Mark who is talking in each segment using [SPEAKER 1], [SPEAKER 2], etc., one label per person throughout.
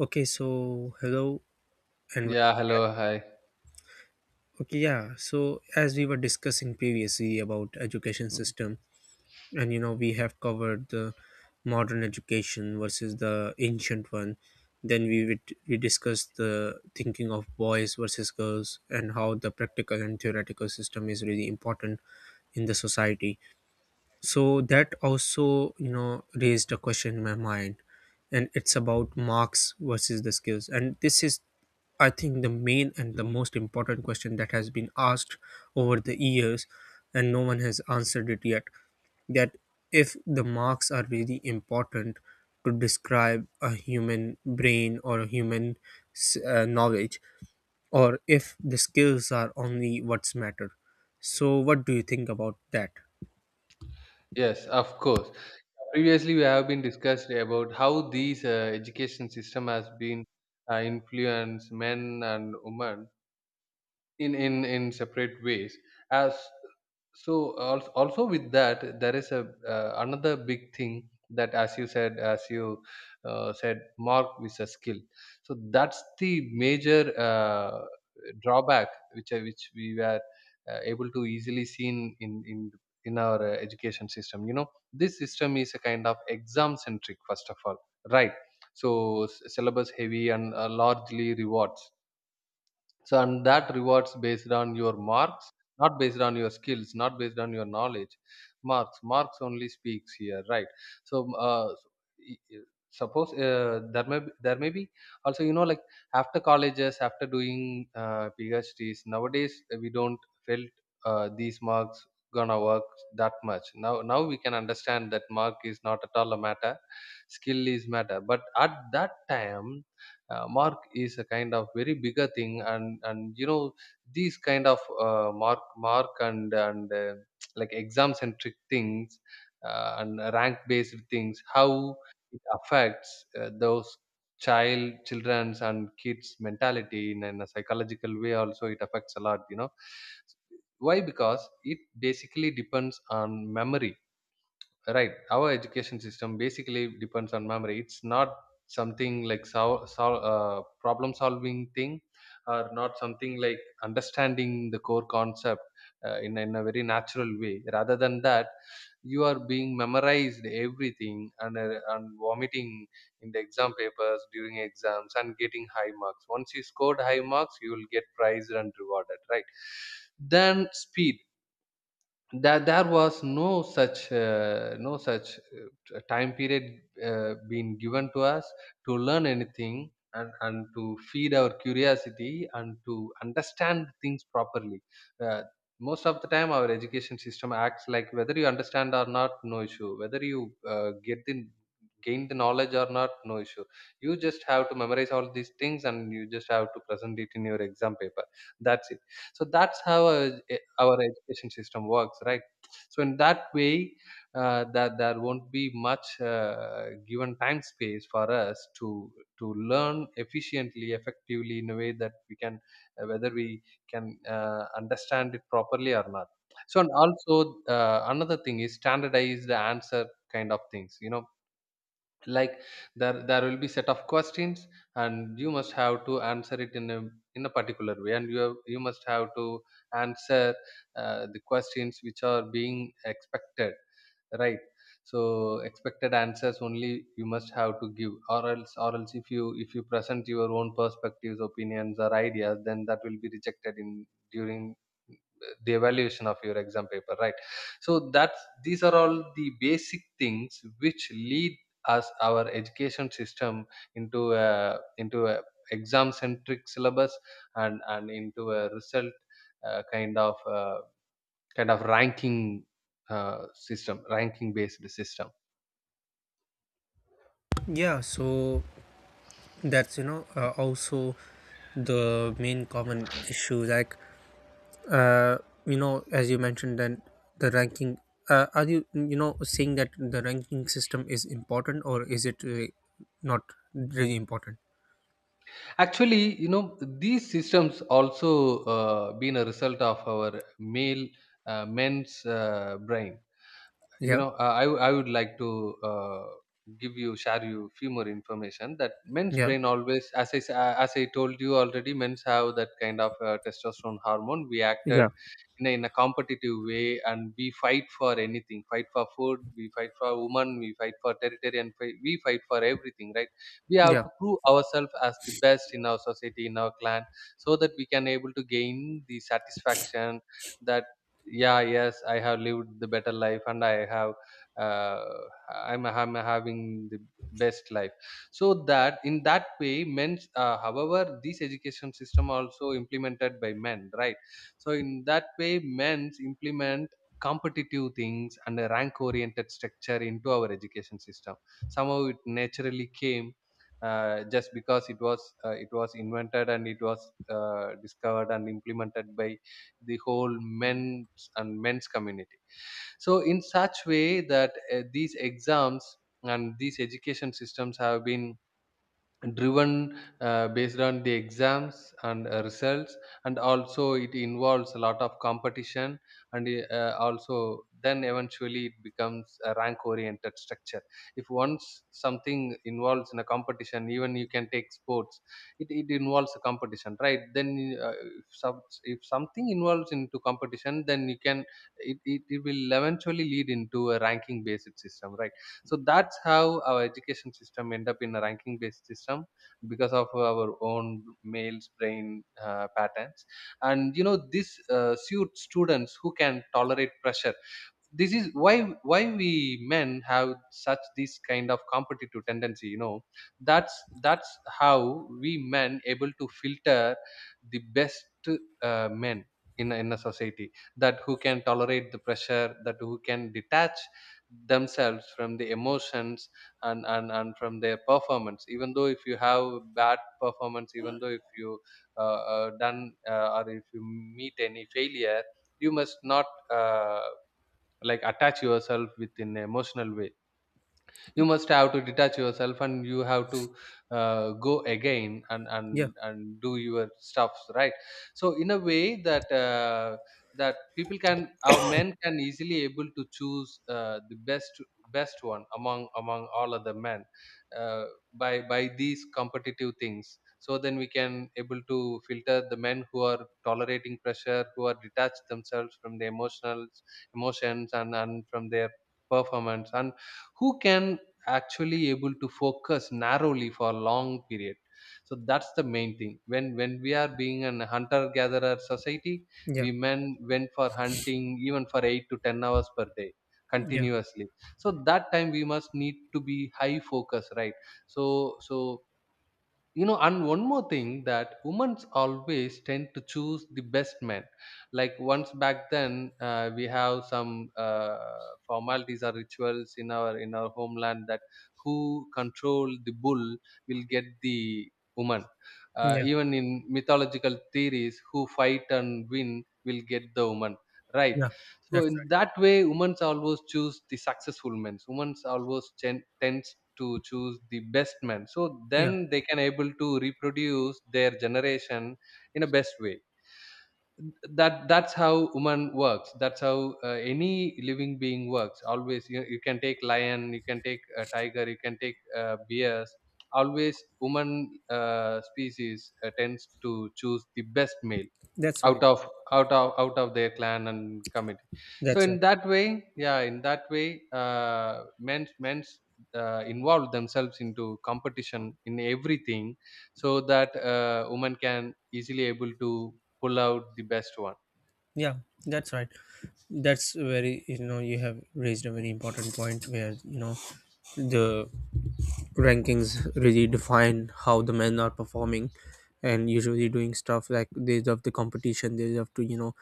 [SPEAKER 1] Okay, so hello and
[SPEAKER 2] Yeah,
[SPEAKER 1] welcome back.
[SPEAKER 2] hello, hi.
[SPEAKER 1] Okay, yeah. So as we were discussing previously about education
[SPEAKER 2] Mm.
[SPEAKER 1] system, and we have covered the modern education versus the ancient one. Then we discussed the thinking of boys versus girls and how the practical and theoretical system is really important in the society. So that also, raised a question in my mind, and it's about marks versus the skills, and this is, I think, the main and the most important question that has been asked over the years, and no one has answered it yet, that if the marks are really important to describe a human brain or a human knowledge, or if the skills are only what's matter. So what do you think about that?
[SPEAKER 2] Yes, of course. Previously, we have been discussed about how these education system has been influenced men and women in separate ways as so also with that there is a another big thing that as you said mark with a skill. So that's the major drawback which we were able to easily seen in our education system, you know. This system is a kind of exam centric, first of all, right? So syllabus heavy and largely rewards. So and that rewards based on your marks, not based on your skills, not based on your knowledge. Marks only speaks here, right? So uh, s- i- i- suppose there may be also, you know, like after colleges, after doing PhDs nowadays, we don't felt these marks gonna work that much. Now we can understand that mark is not at all a matter, skill is matter, but at that time mark is a kind of very bigger thing, and you know these kind of mark and like exam centric things, and rank based things, how it affects those child children's and kids mentality in a psychological way, also it affects a lot, you know. Why? Because it basically depends on memory, right? Our education system basically depends on memory, it's not something like problem solving thing, or not something like understanding the core concept in a very natural way. Rather than that, you are being memorized everything, and vomiting in the exam papers during exams and getting high marks. Once you scored high marks, you will get prized and rewarded, right? Then speed, that there was no such no such time period being given to us to learn anything, and to feed our curiosity and to understand things properly. Uh, Most of the time, our education system acts like whether you understand or not, no issue. Whether you get the gain the knowledge or not, no issue. You just have to memorize all these things and you just have to present it in your exam paper. That's it. So that's how our education system works, right? So in that way that there won't be much given time space for us to learn efficiently effectively in a way that we can uh, whether we understand it properly or not. So and also another thing is standardized answer kind of things, you know, like there will be set of questions, and you must have to answer it in a particular way, and you must have to answer the questions which are being expected, right? So expected answers only you must have to give, or else if you present your own perspectives, opinions or ideas, then that will be rejected in during the evaluation of your exam paper, right? So that's these are all the basic things which lead us our education system into a exam centric syllabus, and into a result uh, kind of uh, kind of ranking system ranking based system.
[SPEAKER 1] Yeah, so that's, also the main common issue, like, uh, as you mentioned, then the ranking, are you, you know saying that the ranking system is important, or is it not really important?
[SPEAKER 2] Actually, you know, these systems also been a result of our male men's brain, you
[SPEAKER 1] Yeah,
[SPEAKER 2] know. I would like to uh, give you share you few more information that men's
[SPEAKER 1] yeah,
[SPEAKER 2] brain always, as I as I told you already, men's have that kind of testosterone hormone, we acted
[SPEAKER 1] yeah,
[SPEAKER 2] in a competitive way, and we fight for anything, fight for food, we fight for women, we fight for territory, and we fight for everything, right? We have
[SPEAKER 1] yeah,
[SPEAKER 2] to prove ourselves as the best in our society, in our clan, so that we can able to gain the satisfaction that yeah, yes, I have lived the better life, and I have uh, I'm having the best life. So that, in that way, men's. However, this education system also implemented by men, right? So in that way men's implement competitive things and a rank oriented structure into our education system. Somehow it naturally came just because it was invented and it was discovered and implemented by the whole men's and men's community. So in such way that these exams and these education systems have been driven based on the exams and results, and also it involves a lot of competition, and also then eventually it becomes a rank oriented structure. If once something involves in a competition, even you can take sports, it involves a competition, right? Then if something involves into competition, then you can it will eventually lead into a ranking based system, right? So that's how our education system end up in a ranking based system because of our own male's brain patterns. And you know this suits students who can tolerate pressure. This is why we men have such this kind of competitive tendency, you know. That's that's how we men able to filter the best men in a society, that who can tolerate the pressure, that who can detach themselves from the emotions, and from their performance, even though if you have bad performance, even though if you done, or if you meet any failure, you must not uh, like attach yourself with in an emotional way, you must have to detach yourself and you have to go again and
[SPEAKER 1] yeah,
[SPEAKER 2] and and do your stuffs, right? So in a way that that people can our men can easily able to choose the best best one among all other men uh, by these competitive things. So then we can able to filter the men who are tolerating pressure, who are detached themselves from the emotional emotions and from their performance, and who can actually able to focus narrowly for a long period. So that's the main thing when we are being an hunter gatherer society,
[SPEAKER 1] yeah,
[SPEAKER 2] we men went for hunting even for 8 to 10 hours per day
[SPEAKER 1] yeah,
[SPEAKER 2] continuously. So that time we must need to be high focus, right? So so you know, and one more thing that women always tend to choose the best men, like once back then we have some uh, formalities or rituals in our homeland that who control the bull will get the woman,
[SPEAKER 1] yeah,
[SPEAKER 2] even in mythological theories who fight and win will get the woman, right?
[SPEAKER 1] yeah.
[SPEAKER 2] So
[SPEAKER 1] That's
[SPEAKER 2] in
[SPEAKER 1] right.
[SPEAKER 2] that way, women's always choose the successful men. Women's always tends to choose the best men. So
[SPEAKER 1] Yeah,
[SPEAKER 2] then they can able to reproduce their generation in a best way. That's how woman works. That's how any living being works. Always you, you can take lion, you can take a tiger, you can take bears. Always woman species tends to choose the best male
[SPEAKER 1] that's
[SPEAKER 2] out
[SPEAKER 1] right.
[SPEAKER 2] of out of their clan and community. So
[SPEAKER 1] That's
[SPEAKER 2] in
[SPEAKER 1] right.
[SPEAKER 2] that way, yeah, in that way men men's involve themselves into competition in everything, so that women can easily able to pull out the best one.
[SPEAKER 1] Yeah, that's right. That's very, you have raised a very important point, where, the rankings really define how the men are performing, and usually doing stuff like they love the competition, they love to,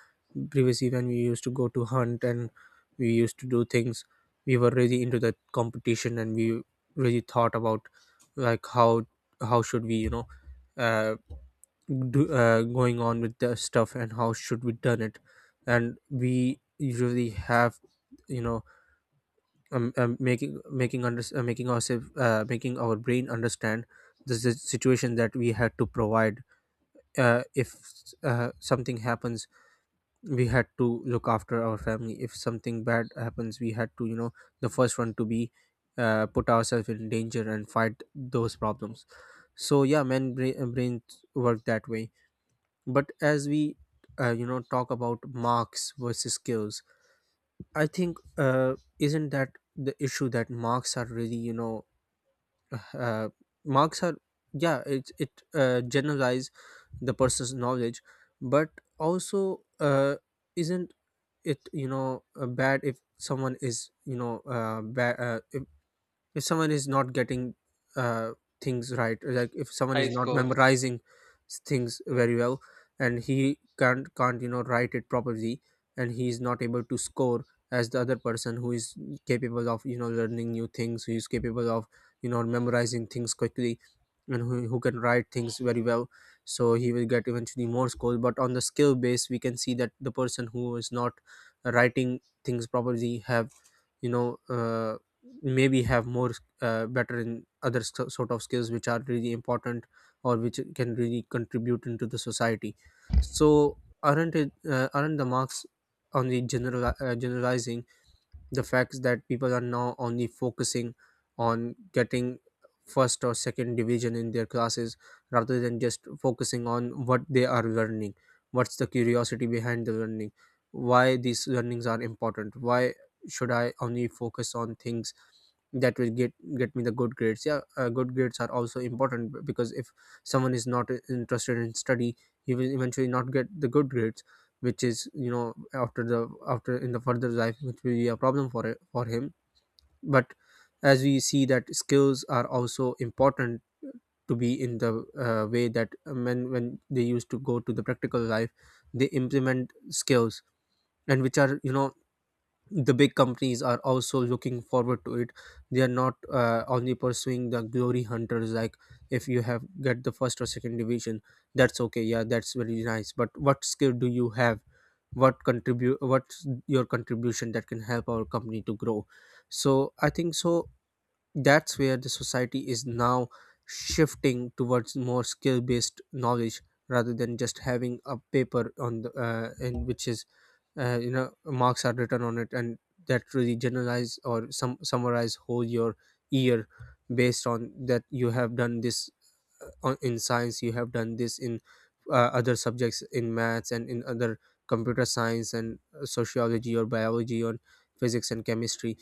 [SPEAKER 1] previously when we used to go to hunt and we used to do things. We were really into that competition, and we really thought about like how should we, uh, do, going on with the stuff and how should we done it. And we usually have, you know making under making ourselves, making our brain understand the situation that we had to provide, if something happens, we had to look after our family. If something bad happens, we had to, the first one to be, put ourselves in danger and fight those problems. So yeah, men brains work that way. But as we, talk about marks versus skills, I think, isn't that the issue that marks are really, uh, marks are, yeah, it generalize the person's knowledge? But also, isn't it, bad if someone is, bad, if someone is not getting, uh, things right, like if someone
[SPEAKER 2] High
[SPEAKER 1] is not
[SPEAKER 2] scores.
[SPEAKER 1] memorizing things
[SPEAKER 2] Yeah.
[SPEAKER 1] very well, and he can't, write it properly, and he is not able to score as the other person who is capable of, learning new things, who is capable of, memorizing things quickly, and who can write things very well? So he will get eventually more score, but on the skill base we can see that the person who is not writing things properly have, you know uh, maybe have more, better in other sort of skills which are really important, or which can really contribute into the society. So aren't it, aren't the marks, on the generalizing the fact that people are now only focusing on getting first or second division in their classes, rather than just focusing on what they are learning? What's the curiosity behind the learning? Why these learnings are important? Why should I only focus on things that will get me the good grades? Yeah, good grades are also important, because if someone is not interested in study, he will eventually not get the good grades, which is, after the, after in the further life, which will be a problem for for him. But as we see that skills are also important to be in the, way that men when they used to go to the practical life, they implement skills, and which are, the big companies are also looking forward to it. They are not, only pursuing the glory hunters. Like, if you have get the first or second division, that's okay, yeah, that's very nice, but what skill do you have? What's your contribution that can help our company to grow? So I think so, that's where the society is now shifting towards more skill based knowledge, rather than just having a paper on the, in which is, marks are written on it, and that really generalize, or some summarize whole your year, based on that you have done this in science, you have done this in, other subjects, in maths and in other computer science, and, sociology or biology or physics and chemistry.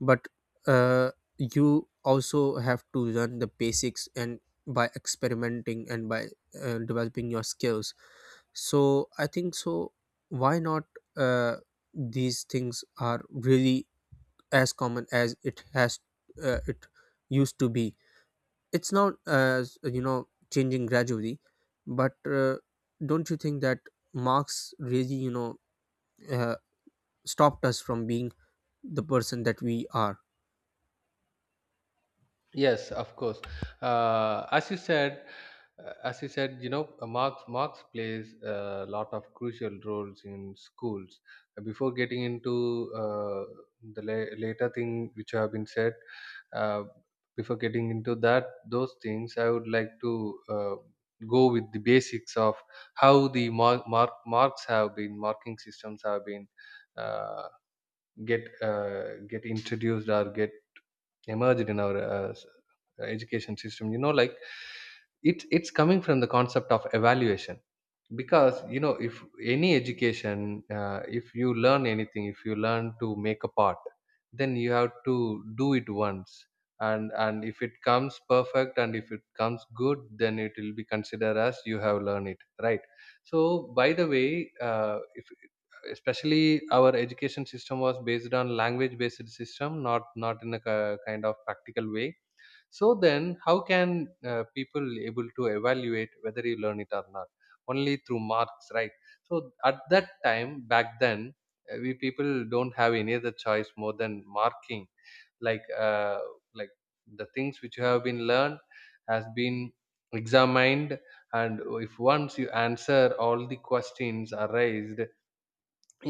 [SPEAKER 1] But, uh, you also have to learn the basics, and by experimenting, and by, developing your skills. So I think so, why not, uh, these things are really as common as it has, it used to be. It's not as, changing gradually. But, don't you think that marx really, uh, stopped us from being the person that we are?
[SPEAKER 2] Yes, of course. As you said, you know, marks plays a lot of crucial roles in schools. Before getting into the later thing which have been said, uh, before getting into that those things, I would like to go with the basics of how the marks have been marking systems have been uh, get introduced or get emerged in our education system, you know, like it's coming from the concept of evaluation. Because, you know, if any education if you learn anything, if you learn to make a pot, then you have to do it once, and if it comes perfect and if it comes good, then it will be considered as you have learned it, right? So by the way, if especially our education system was based on language based system, not in a kind of practical way. So then how can people able to evaluate whether you learn it or not? Only through marks, right? So at that time, back then, we people don't have any other choice more than marking. Like uh, like the things which have been learned has been examined. And if once you answer all the questions are raised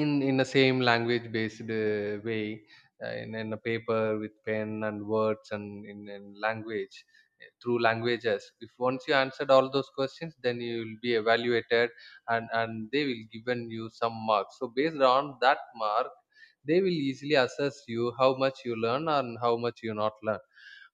[SPEAKER 2] in the same language based way, in a paper with pen and words and in language, through languages, if once you answered all those questions, then you will be evaluated. And they will given you some marks, so based on that mark they will easily assess you how much you learn and how much you not learn.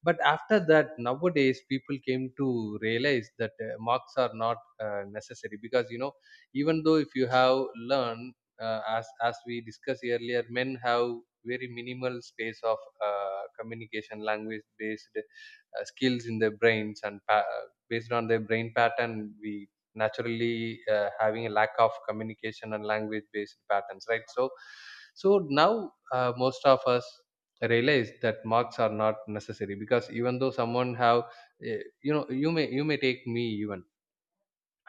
[SPEAKER 2] But after that, nowadays people came to realize that marks are not necessary, because, you know, even though if you have learned, as we discussed earlier, men have very minimal space of communication language based skills in their brains, and based on their brain pattern, we naturally having a lack of communication and language based patterns, right? So so now, most of us realize that marks are not necessary, because even though someone have you know, you may, you may take me. Even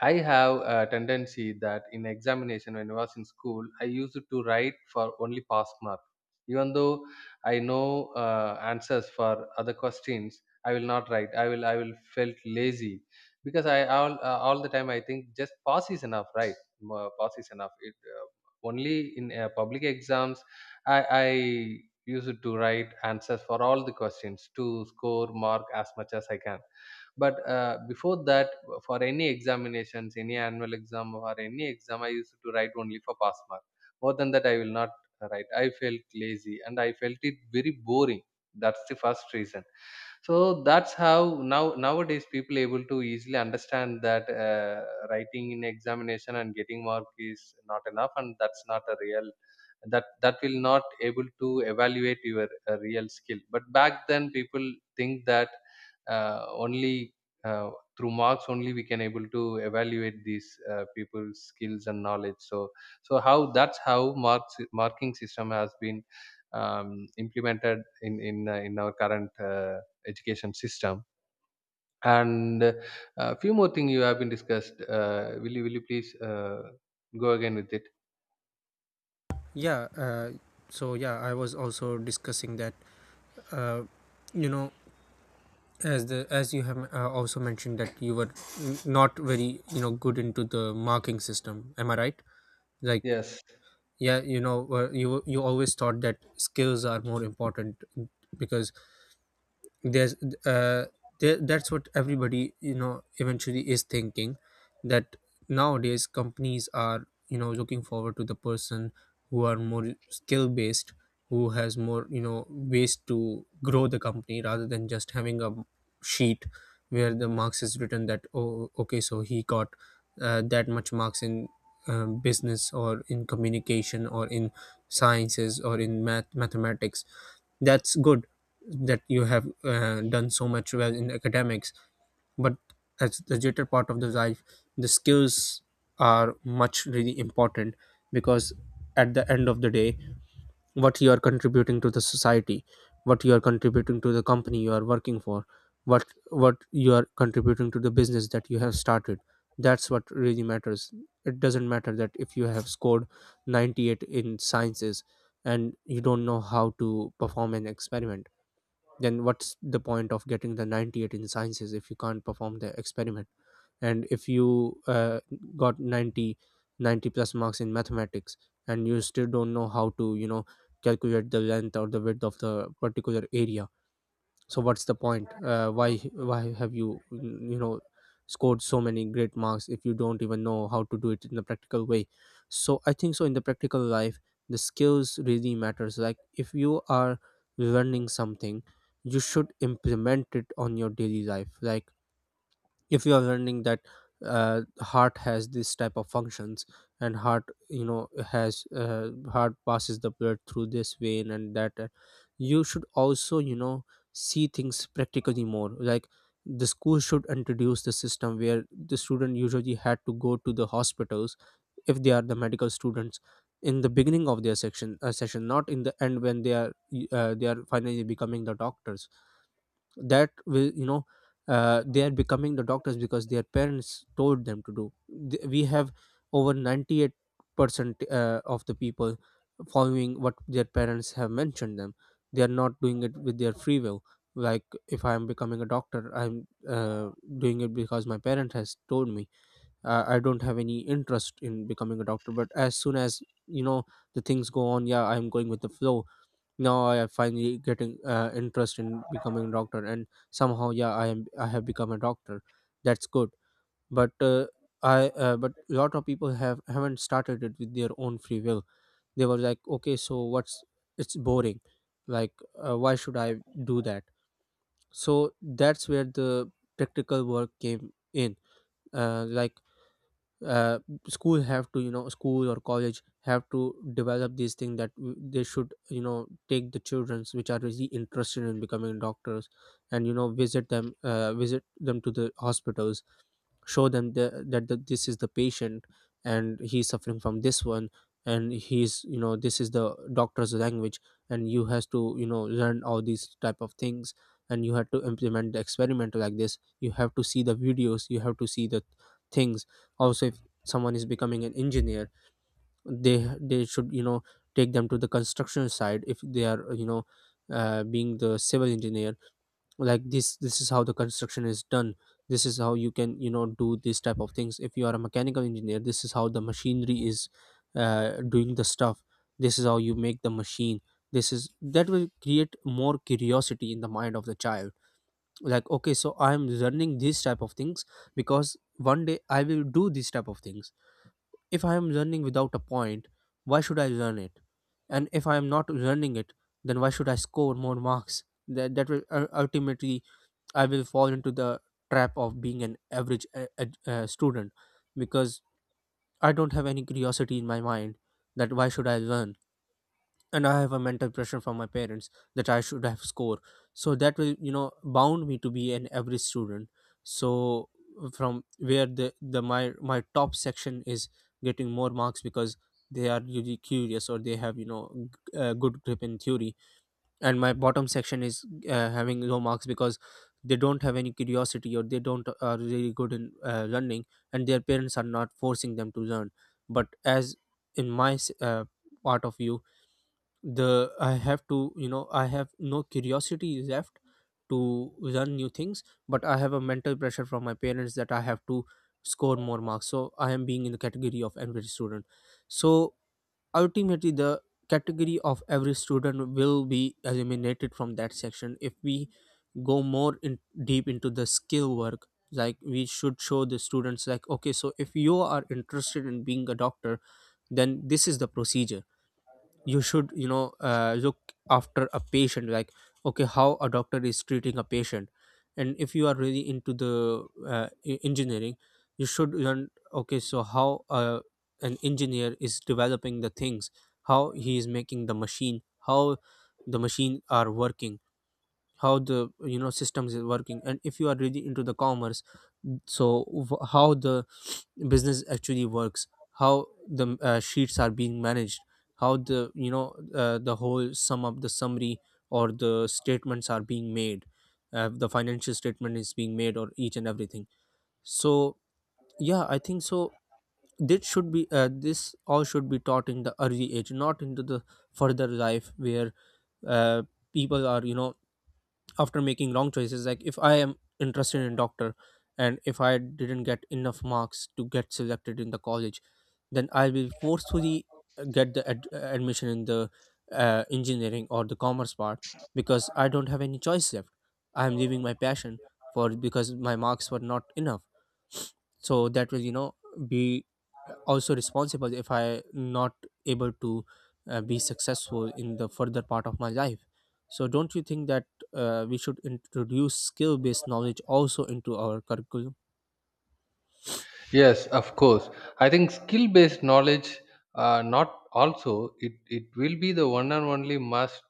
[SPEAKER 2] I have a tendency that in examination when I was in school, I used to write for only pass mark. Even though I know answers for other questions, I will not write. I will felt lazy because I all the time I think just pass is enough, right? Pass is enough. It only in public exams I used to write answers for all the questions to score mark as much as I can. But before that, for any examinations, any annual exam or any exam, I used to write only for pass mark. More than that, I will not write. I felt lazy and I felt it very boring. That's the first reason. So that's how now nowadays people able to easily understand that writing in examination and getting mark is not enough, and that's not a real, that that will not able to evaluate your real skill. But back then people think that only uh, through marks only we can able to evaluate these people's skills and knowledge. So so how that's how marks marking system has been implemented in in our current. Education system. And a few more things you have been discussed. Will you, will you please go again with it?
[SPEAKER 1] Yeah, so yeah, I was also discussing that, you know as you have, also mentioned that you were not very, good into the marking system, am I right? Like,
[SPEAKER 2] Yes,
[SPEAKER 1] yeah, you always thought that skills are more important, because there's, uh, that's what everybody, eventually is thinking, that nowadays companies are, looking forward to the person who are more skill based, who has more, ways to grow the company, rather than just having a sheet where the marks is written, that oh okay, so he got, that much marks in, business, or in communication, or in sciences, or in mathematics. That's good that you have, done so much well in academics. But as the later part of the life, the skills are much really important, because at the end of the day, what you are contributing to the society, what you are contributing to the company you are working for, what what you are contributing to the business that you have started, that's what really matters. It doesn't matter that if you have scored 98 in sciences and you don't know how to perform an experiment, then what's the point of getting the 98 in sciences if you can't perform the experiment? And if you, got 90 plus marks in mathematics, and you still don't know how to, calculate the length or the width of the particular area, so what's the point, why have you, you know scored so many great marks if you don't even know how to do it in the practical way? So I think so, in the practical life the skills really matters. Like, if you are learning something, you should implement it on your daily life. Like if you are learning that, heart has this type of functions, and heart, has, heart passes the blood through this vein, and that, you should also, see things practically more. Like, the school should introduce the system where the student usually had to go to the hospitals, if they are the medical students, in the beginning of their section session, not in the end when they are, finally becoming the doctors. That will, they are becoming the doctors because their parents told them to do. We have over 98%, of the people following what their parents have mentioned them. They are not doing it with their free will. Like, if I am becoming a doctor, I'm, doing it because my parent has told me, I don't have any interest in becoming a doctor, but as soon as, the things go on, yeah, I'm going with the flow. Now I am finally getting, interest in becoming a doctor, and somehow, yeah, I have become a doctor. That's good. But, I but lot of people haven't started it with their own free will. They were like, okay, so what's it's boring. Like, why should I do that? So that's where the practical work came in. Like, uh, school or college have to develop these things, that they should, take the childrens which are really interested in becoming doctors, and, visit them to the hospitals. Show them this is the patient, and he's suffering from this one, and he's, this is the doctor's language, and you has to, learn all these type of things, and you have to implement the experiment like this. You have to see the videos, you have to see the things. Also, if someone is becoming an engineer They should you know take them to the construction side if they are being the civil engineer. Like this is how the construction is done. This is how you can, you know, do this type of things. If you are a mechanical engineer, this is how the machinery is doing the stuff. This is how you make the machine. This is that will create more curiosity in the mind of the child, like, okay, so I am learning these type of things because one day I will do these type of things. If I am learning without a point, why should I learn it? And if I am not learning it, then why should I score more marks? That ultimately I will fall into the trap of being an average student because I don't have any curiosity in my mind, that why should I learn? And I have a mental pressure from my parents that I should have score, so that will, you know, bound me to be an average student. So from where the my my top section is getting more marks because they are really curious, or they have, you know, good grip in theory, and my bottom section is having low marks because they don't have any curiosity, or they don't are really good in learning, and their parents are not forcing them to learn. But as in my s- uh, part of you, the I have to, you know, I have no curiosity left to learn new things, but I have a mental pressure from my parents that I have to score more marks, so I am being in the category of average student. So ultimately the category of every student will be eliminated from that section if we go more in deep into the skill work. Like we should show the students, like, okay, so if you are interested in being a doctor, then this is the procedure. You should, you know, look after a patient, like, okay, how a doctor is treating a patient. And if you are really into the engineering, you should learn, okay, so how an engineer is developing the things, how he is making the machine, how the machine are working, how the, you know, systems is working. And if you are really into the commerce, so how the business actually works, how the sheets are being managed, how the, you know, the whole sum of the summary or the statements are being made, the financial statement is being made, or each and everything. So yeah, I think so, this should be this all should be taught in the early age, not into the further life where uh, people are, you know, after making wrong choices. Like, if I am interested in doctor and if I didn't get enough marks to get selected in the college, then I will be forcefully get the admission in the engineering or the commerce part because I don't have any choice left. I am leaving my passion for, because my marks were not enough. So that will, you know, be also responsible if I not able to be successful in the further part of my life. So don't you think that we should introduce skill based knowledge also into our curriculum?
[SPEAKER 2] yes, of course. I think skill-based knowledge, not also, it will be the one and only must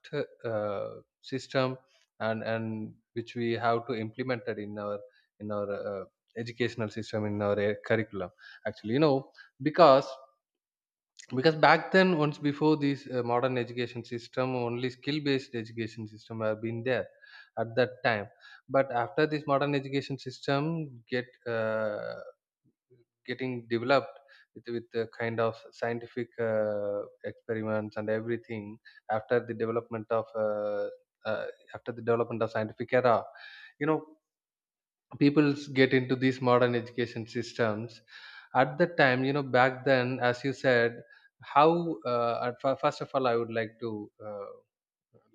[SPEAKER 2] uh, system, and which we have to implement it in our educational system in our curriculum. Actually, you know, because back then once before this modern education system, only skill based education system have been there at that time. But after this modern education system get getting developed with the kind of scientific experiments and everything, after the development of uh, after the development of scientific era, you know, people get into these modern education systems. At the time, you know, back then, as you said, how first of all I would like to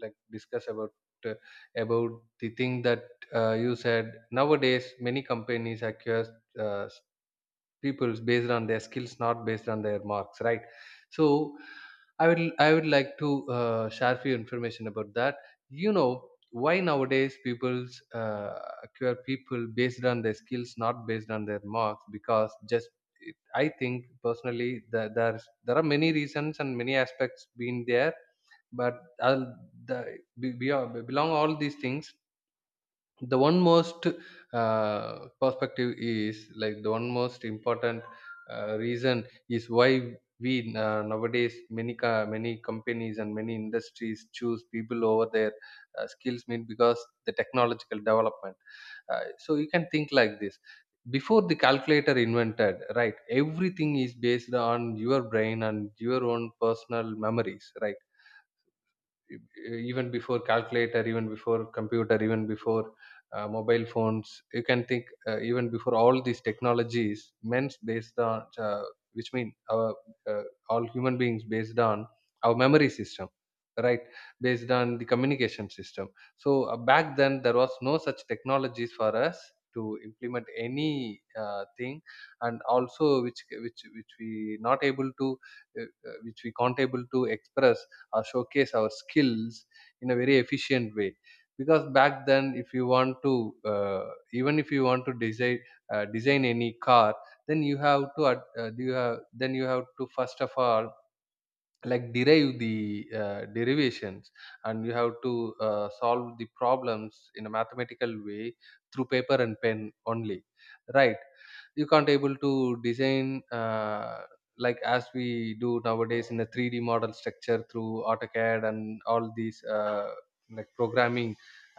[SPEAKER 2] like discuss uh, about the thing that you said nowadays many companies acquire uh, people is based on their skills, not based on their marks, right? So I would like to share few information about that, you know, why nowadays people's uh, acquire people based on their skills not based on their marks, because just I think personally that there are many reasons and many aspects being there, but I'll, the, belong all these things, the one most perspective is, like, the one most important reason is why we nowadays many many companies and many industries choose people over their skills mean because the technological development. So you can think like this, before the calculator invented, right, everything is based on your brain and your own personal memories, right? Even before calculator, even before computer, even before mobile phones, you can think, even before all these technologies, men's based on which mean our uh, all human beings based on our memory system, right? Based on the communication system. So back then there was no such technologies for us to implement any thing. And also which which we not able to uh, which we can't able to express or showcase our skills in a very efficient way. Because back then if you want to even if you want to design design any car, then you have to you have, then you have to first of all, like, derive the derivations, and you have to solve the problems in a mathematical way through paper and pen only, right? You can't able to design like as we do nowadays in a 3D model structure through autocad and all these like programming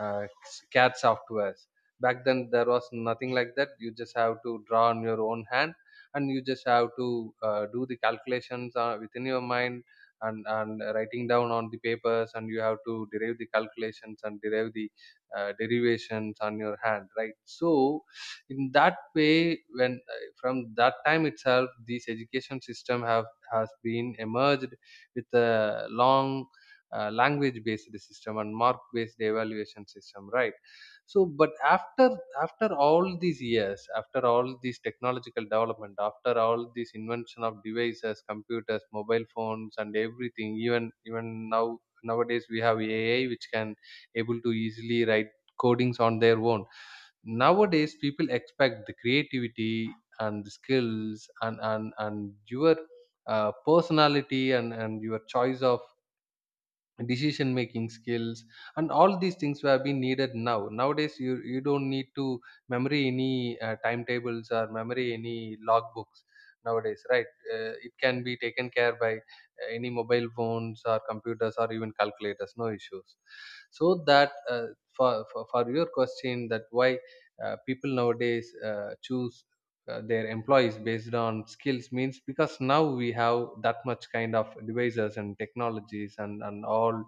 [SPEAKER 2] uh, cad softwares. Back then there was nothing like that. You just have to draw on your own hand, and you just have to do the calculations within your mind, and writing down on the papers, and you have to derive the calculations and derive the derivations on your hand, right? So in that way, when from that time itself this education system have has been emerged with a long language based system and mark based evaluation system, right? So but after, after all these years, after all these technological development, after all this invention of devices, computers, mobile phones and everything, even even now nowadays we have AI which can able to easily write codings on their own. Nowadays people expect the creativity and the skills, and your personality, and your choice of decision making skills, and all these things have been needed now. Nowadays you, you don't need to memory any timetables or memory any logbooks nowadays, right? It can be taken care by any mobile phones or computers or even calculators, no issues. So that for, for your question that why people nowadays choose their employees based on skills means because now we have that much kind of devices and technologies, and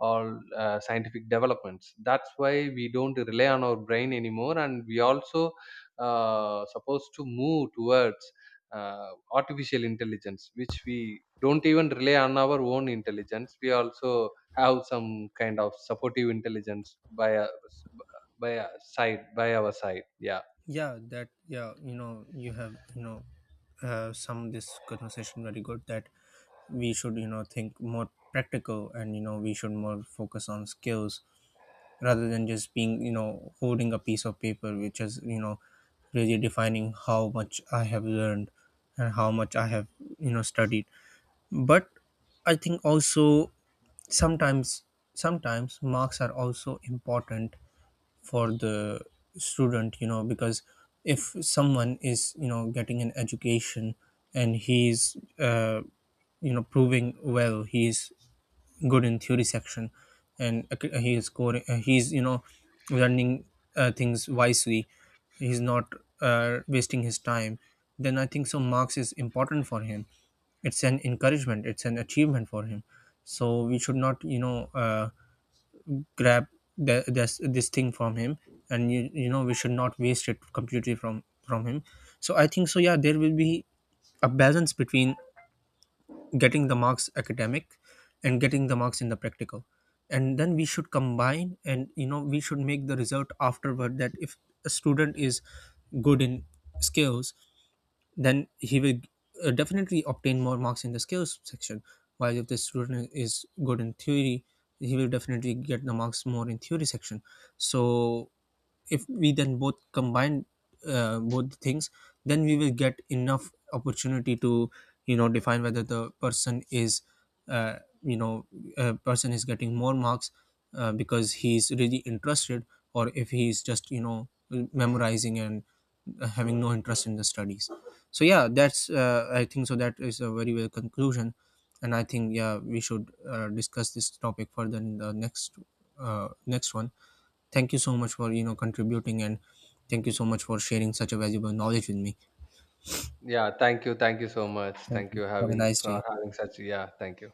[SPEAKER 2] all scientific developments, that's why we don't rely on our brain anymore, and we also supposed to move towards artificial intelligence, which we don't even rely on our own intelligence. We also have some kind of supportive intelligence by a side by our side, yeah.
[SPEAKER 1] Yeah, that, yeah, you know, you have, you know, some this conversation very good, that we should, you know, think more practical, and you know, we should more focus on skills rather than just being, you know, holding a piece of paper, which is, you know, really defining how much I have learned and how much I have, you know, studied. But I think also, sometimes sometimes marks are also important for the student, you know, because if someone is, you know, getting an education and he's you know proving well, he's good in theory section, and he is scoring, he's, you know, learning things wisely, he's not wasting his time, then I think so marks is important for him. It's an encouragement, it's an achievement for him. So we should not, you know, grab the, this thing from him, and you know, we should not waste it completely from him. So I think so, yeah, there will be a balance between getting the marks academic and getting the marks in the practical, and then we should combine, and you know, we should make the result afterward that if a student is good in skills, then he will definitely obtain more marks in the skills section. While if the student is good in theory, he will definitely get the marks more in theory section. So if we then both combine both things, then we will get enough opportunity to, you know, define whether the person is uh, you know a person is getting more marks because he's really interested, or if he's just, you know, memorizing and having no interest in the studies. So yeah, that's I think so that is a very well conclusion, and I think, yeah, we should discuss this topic further in the next next one. Thank you so much for, you know, contributing, and thank you so much for sharing such a valuable knowledge with me.
[SPEAKER 2] Yeah, thank you. Thank you so much.
[SPEAKER 1] Thank
[SPEAKER 2] Thank
[SPEAKER 1] you.
[SPEAKER 2] you
[SPEAKER 1] Have a
[SPEAKER 2] having
[SPEAKER 1] nice
[SPEAKER 2] for
[SPEAKER 1] day.
[SPEAKER 2] having such, yeah, thank you.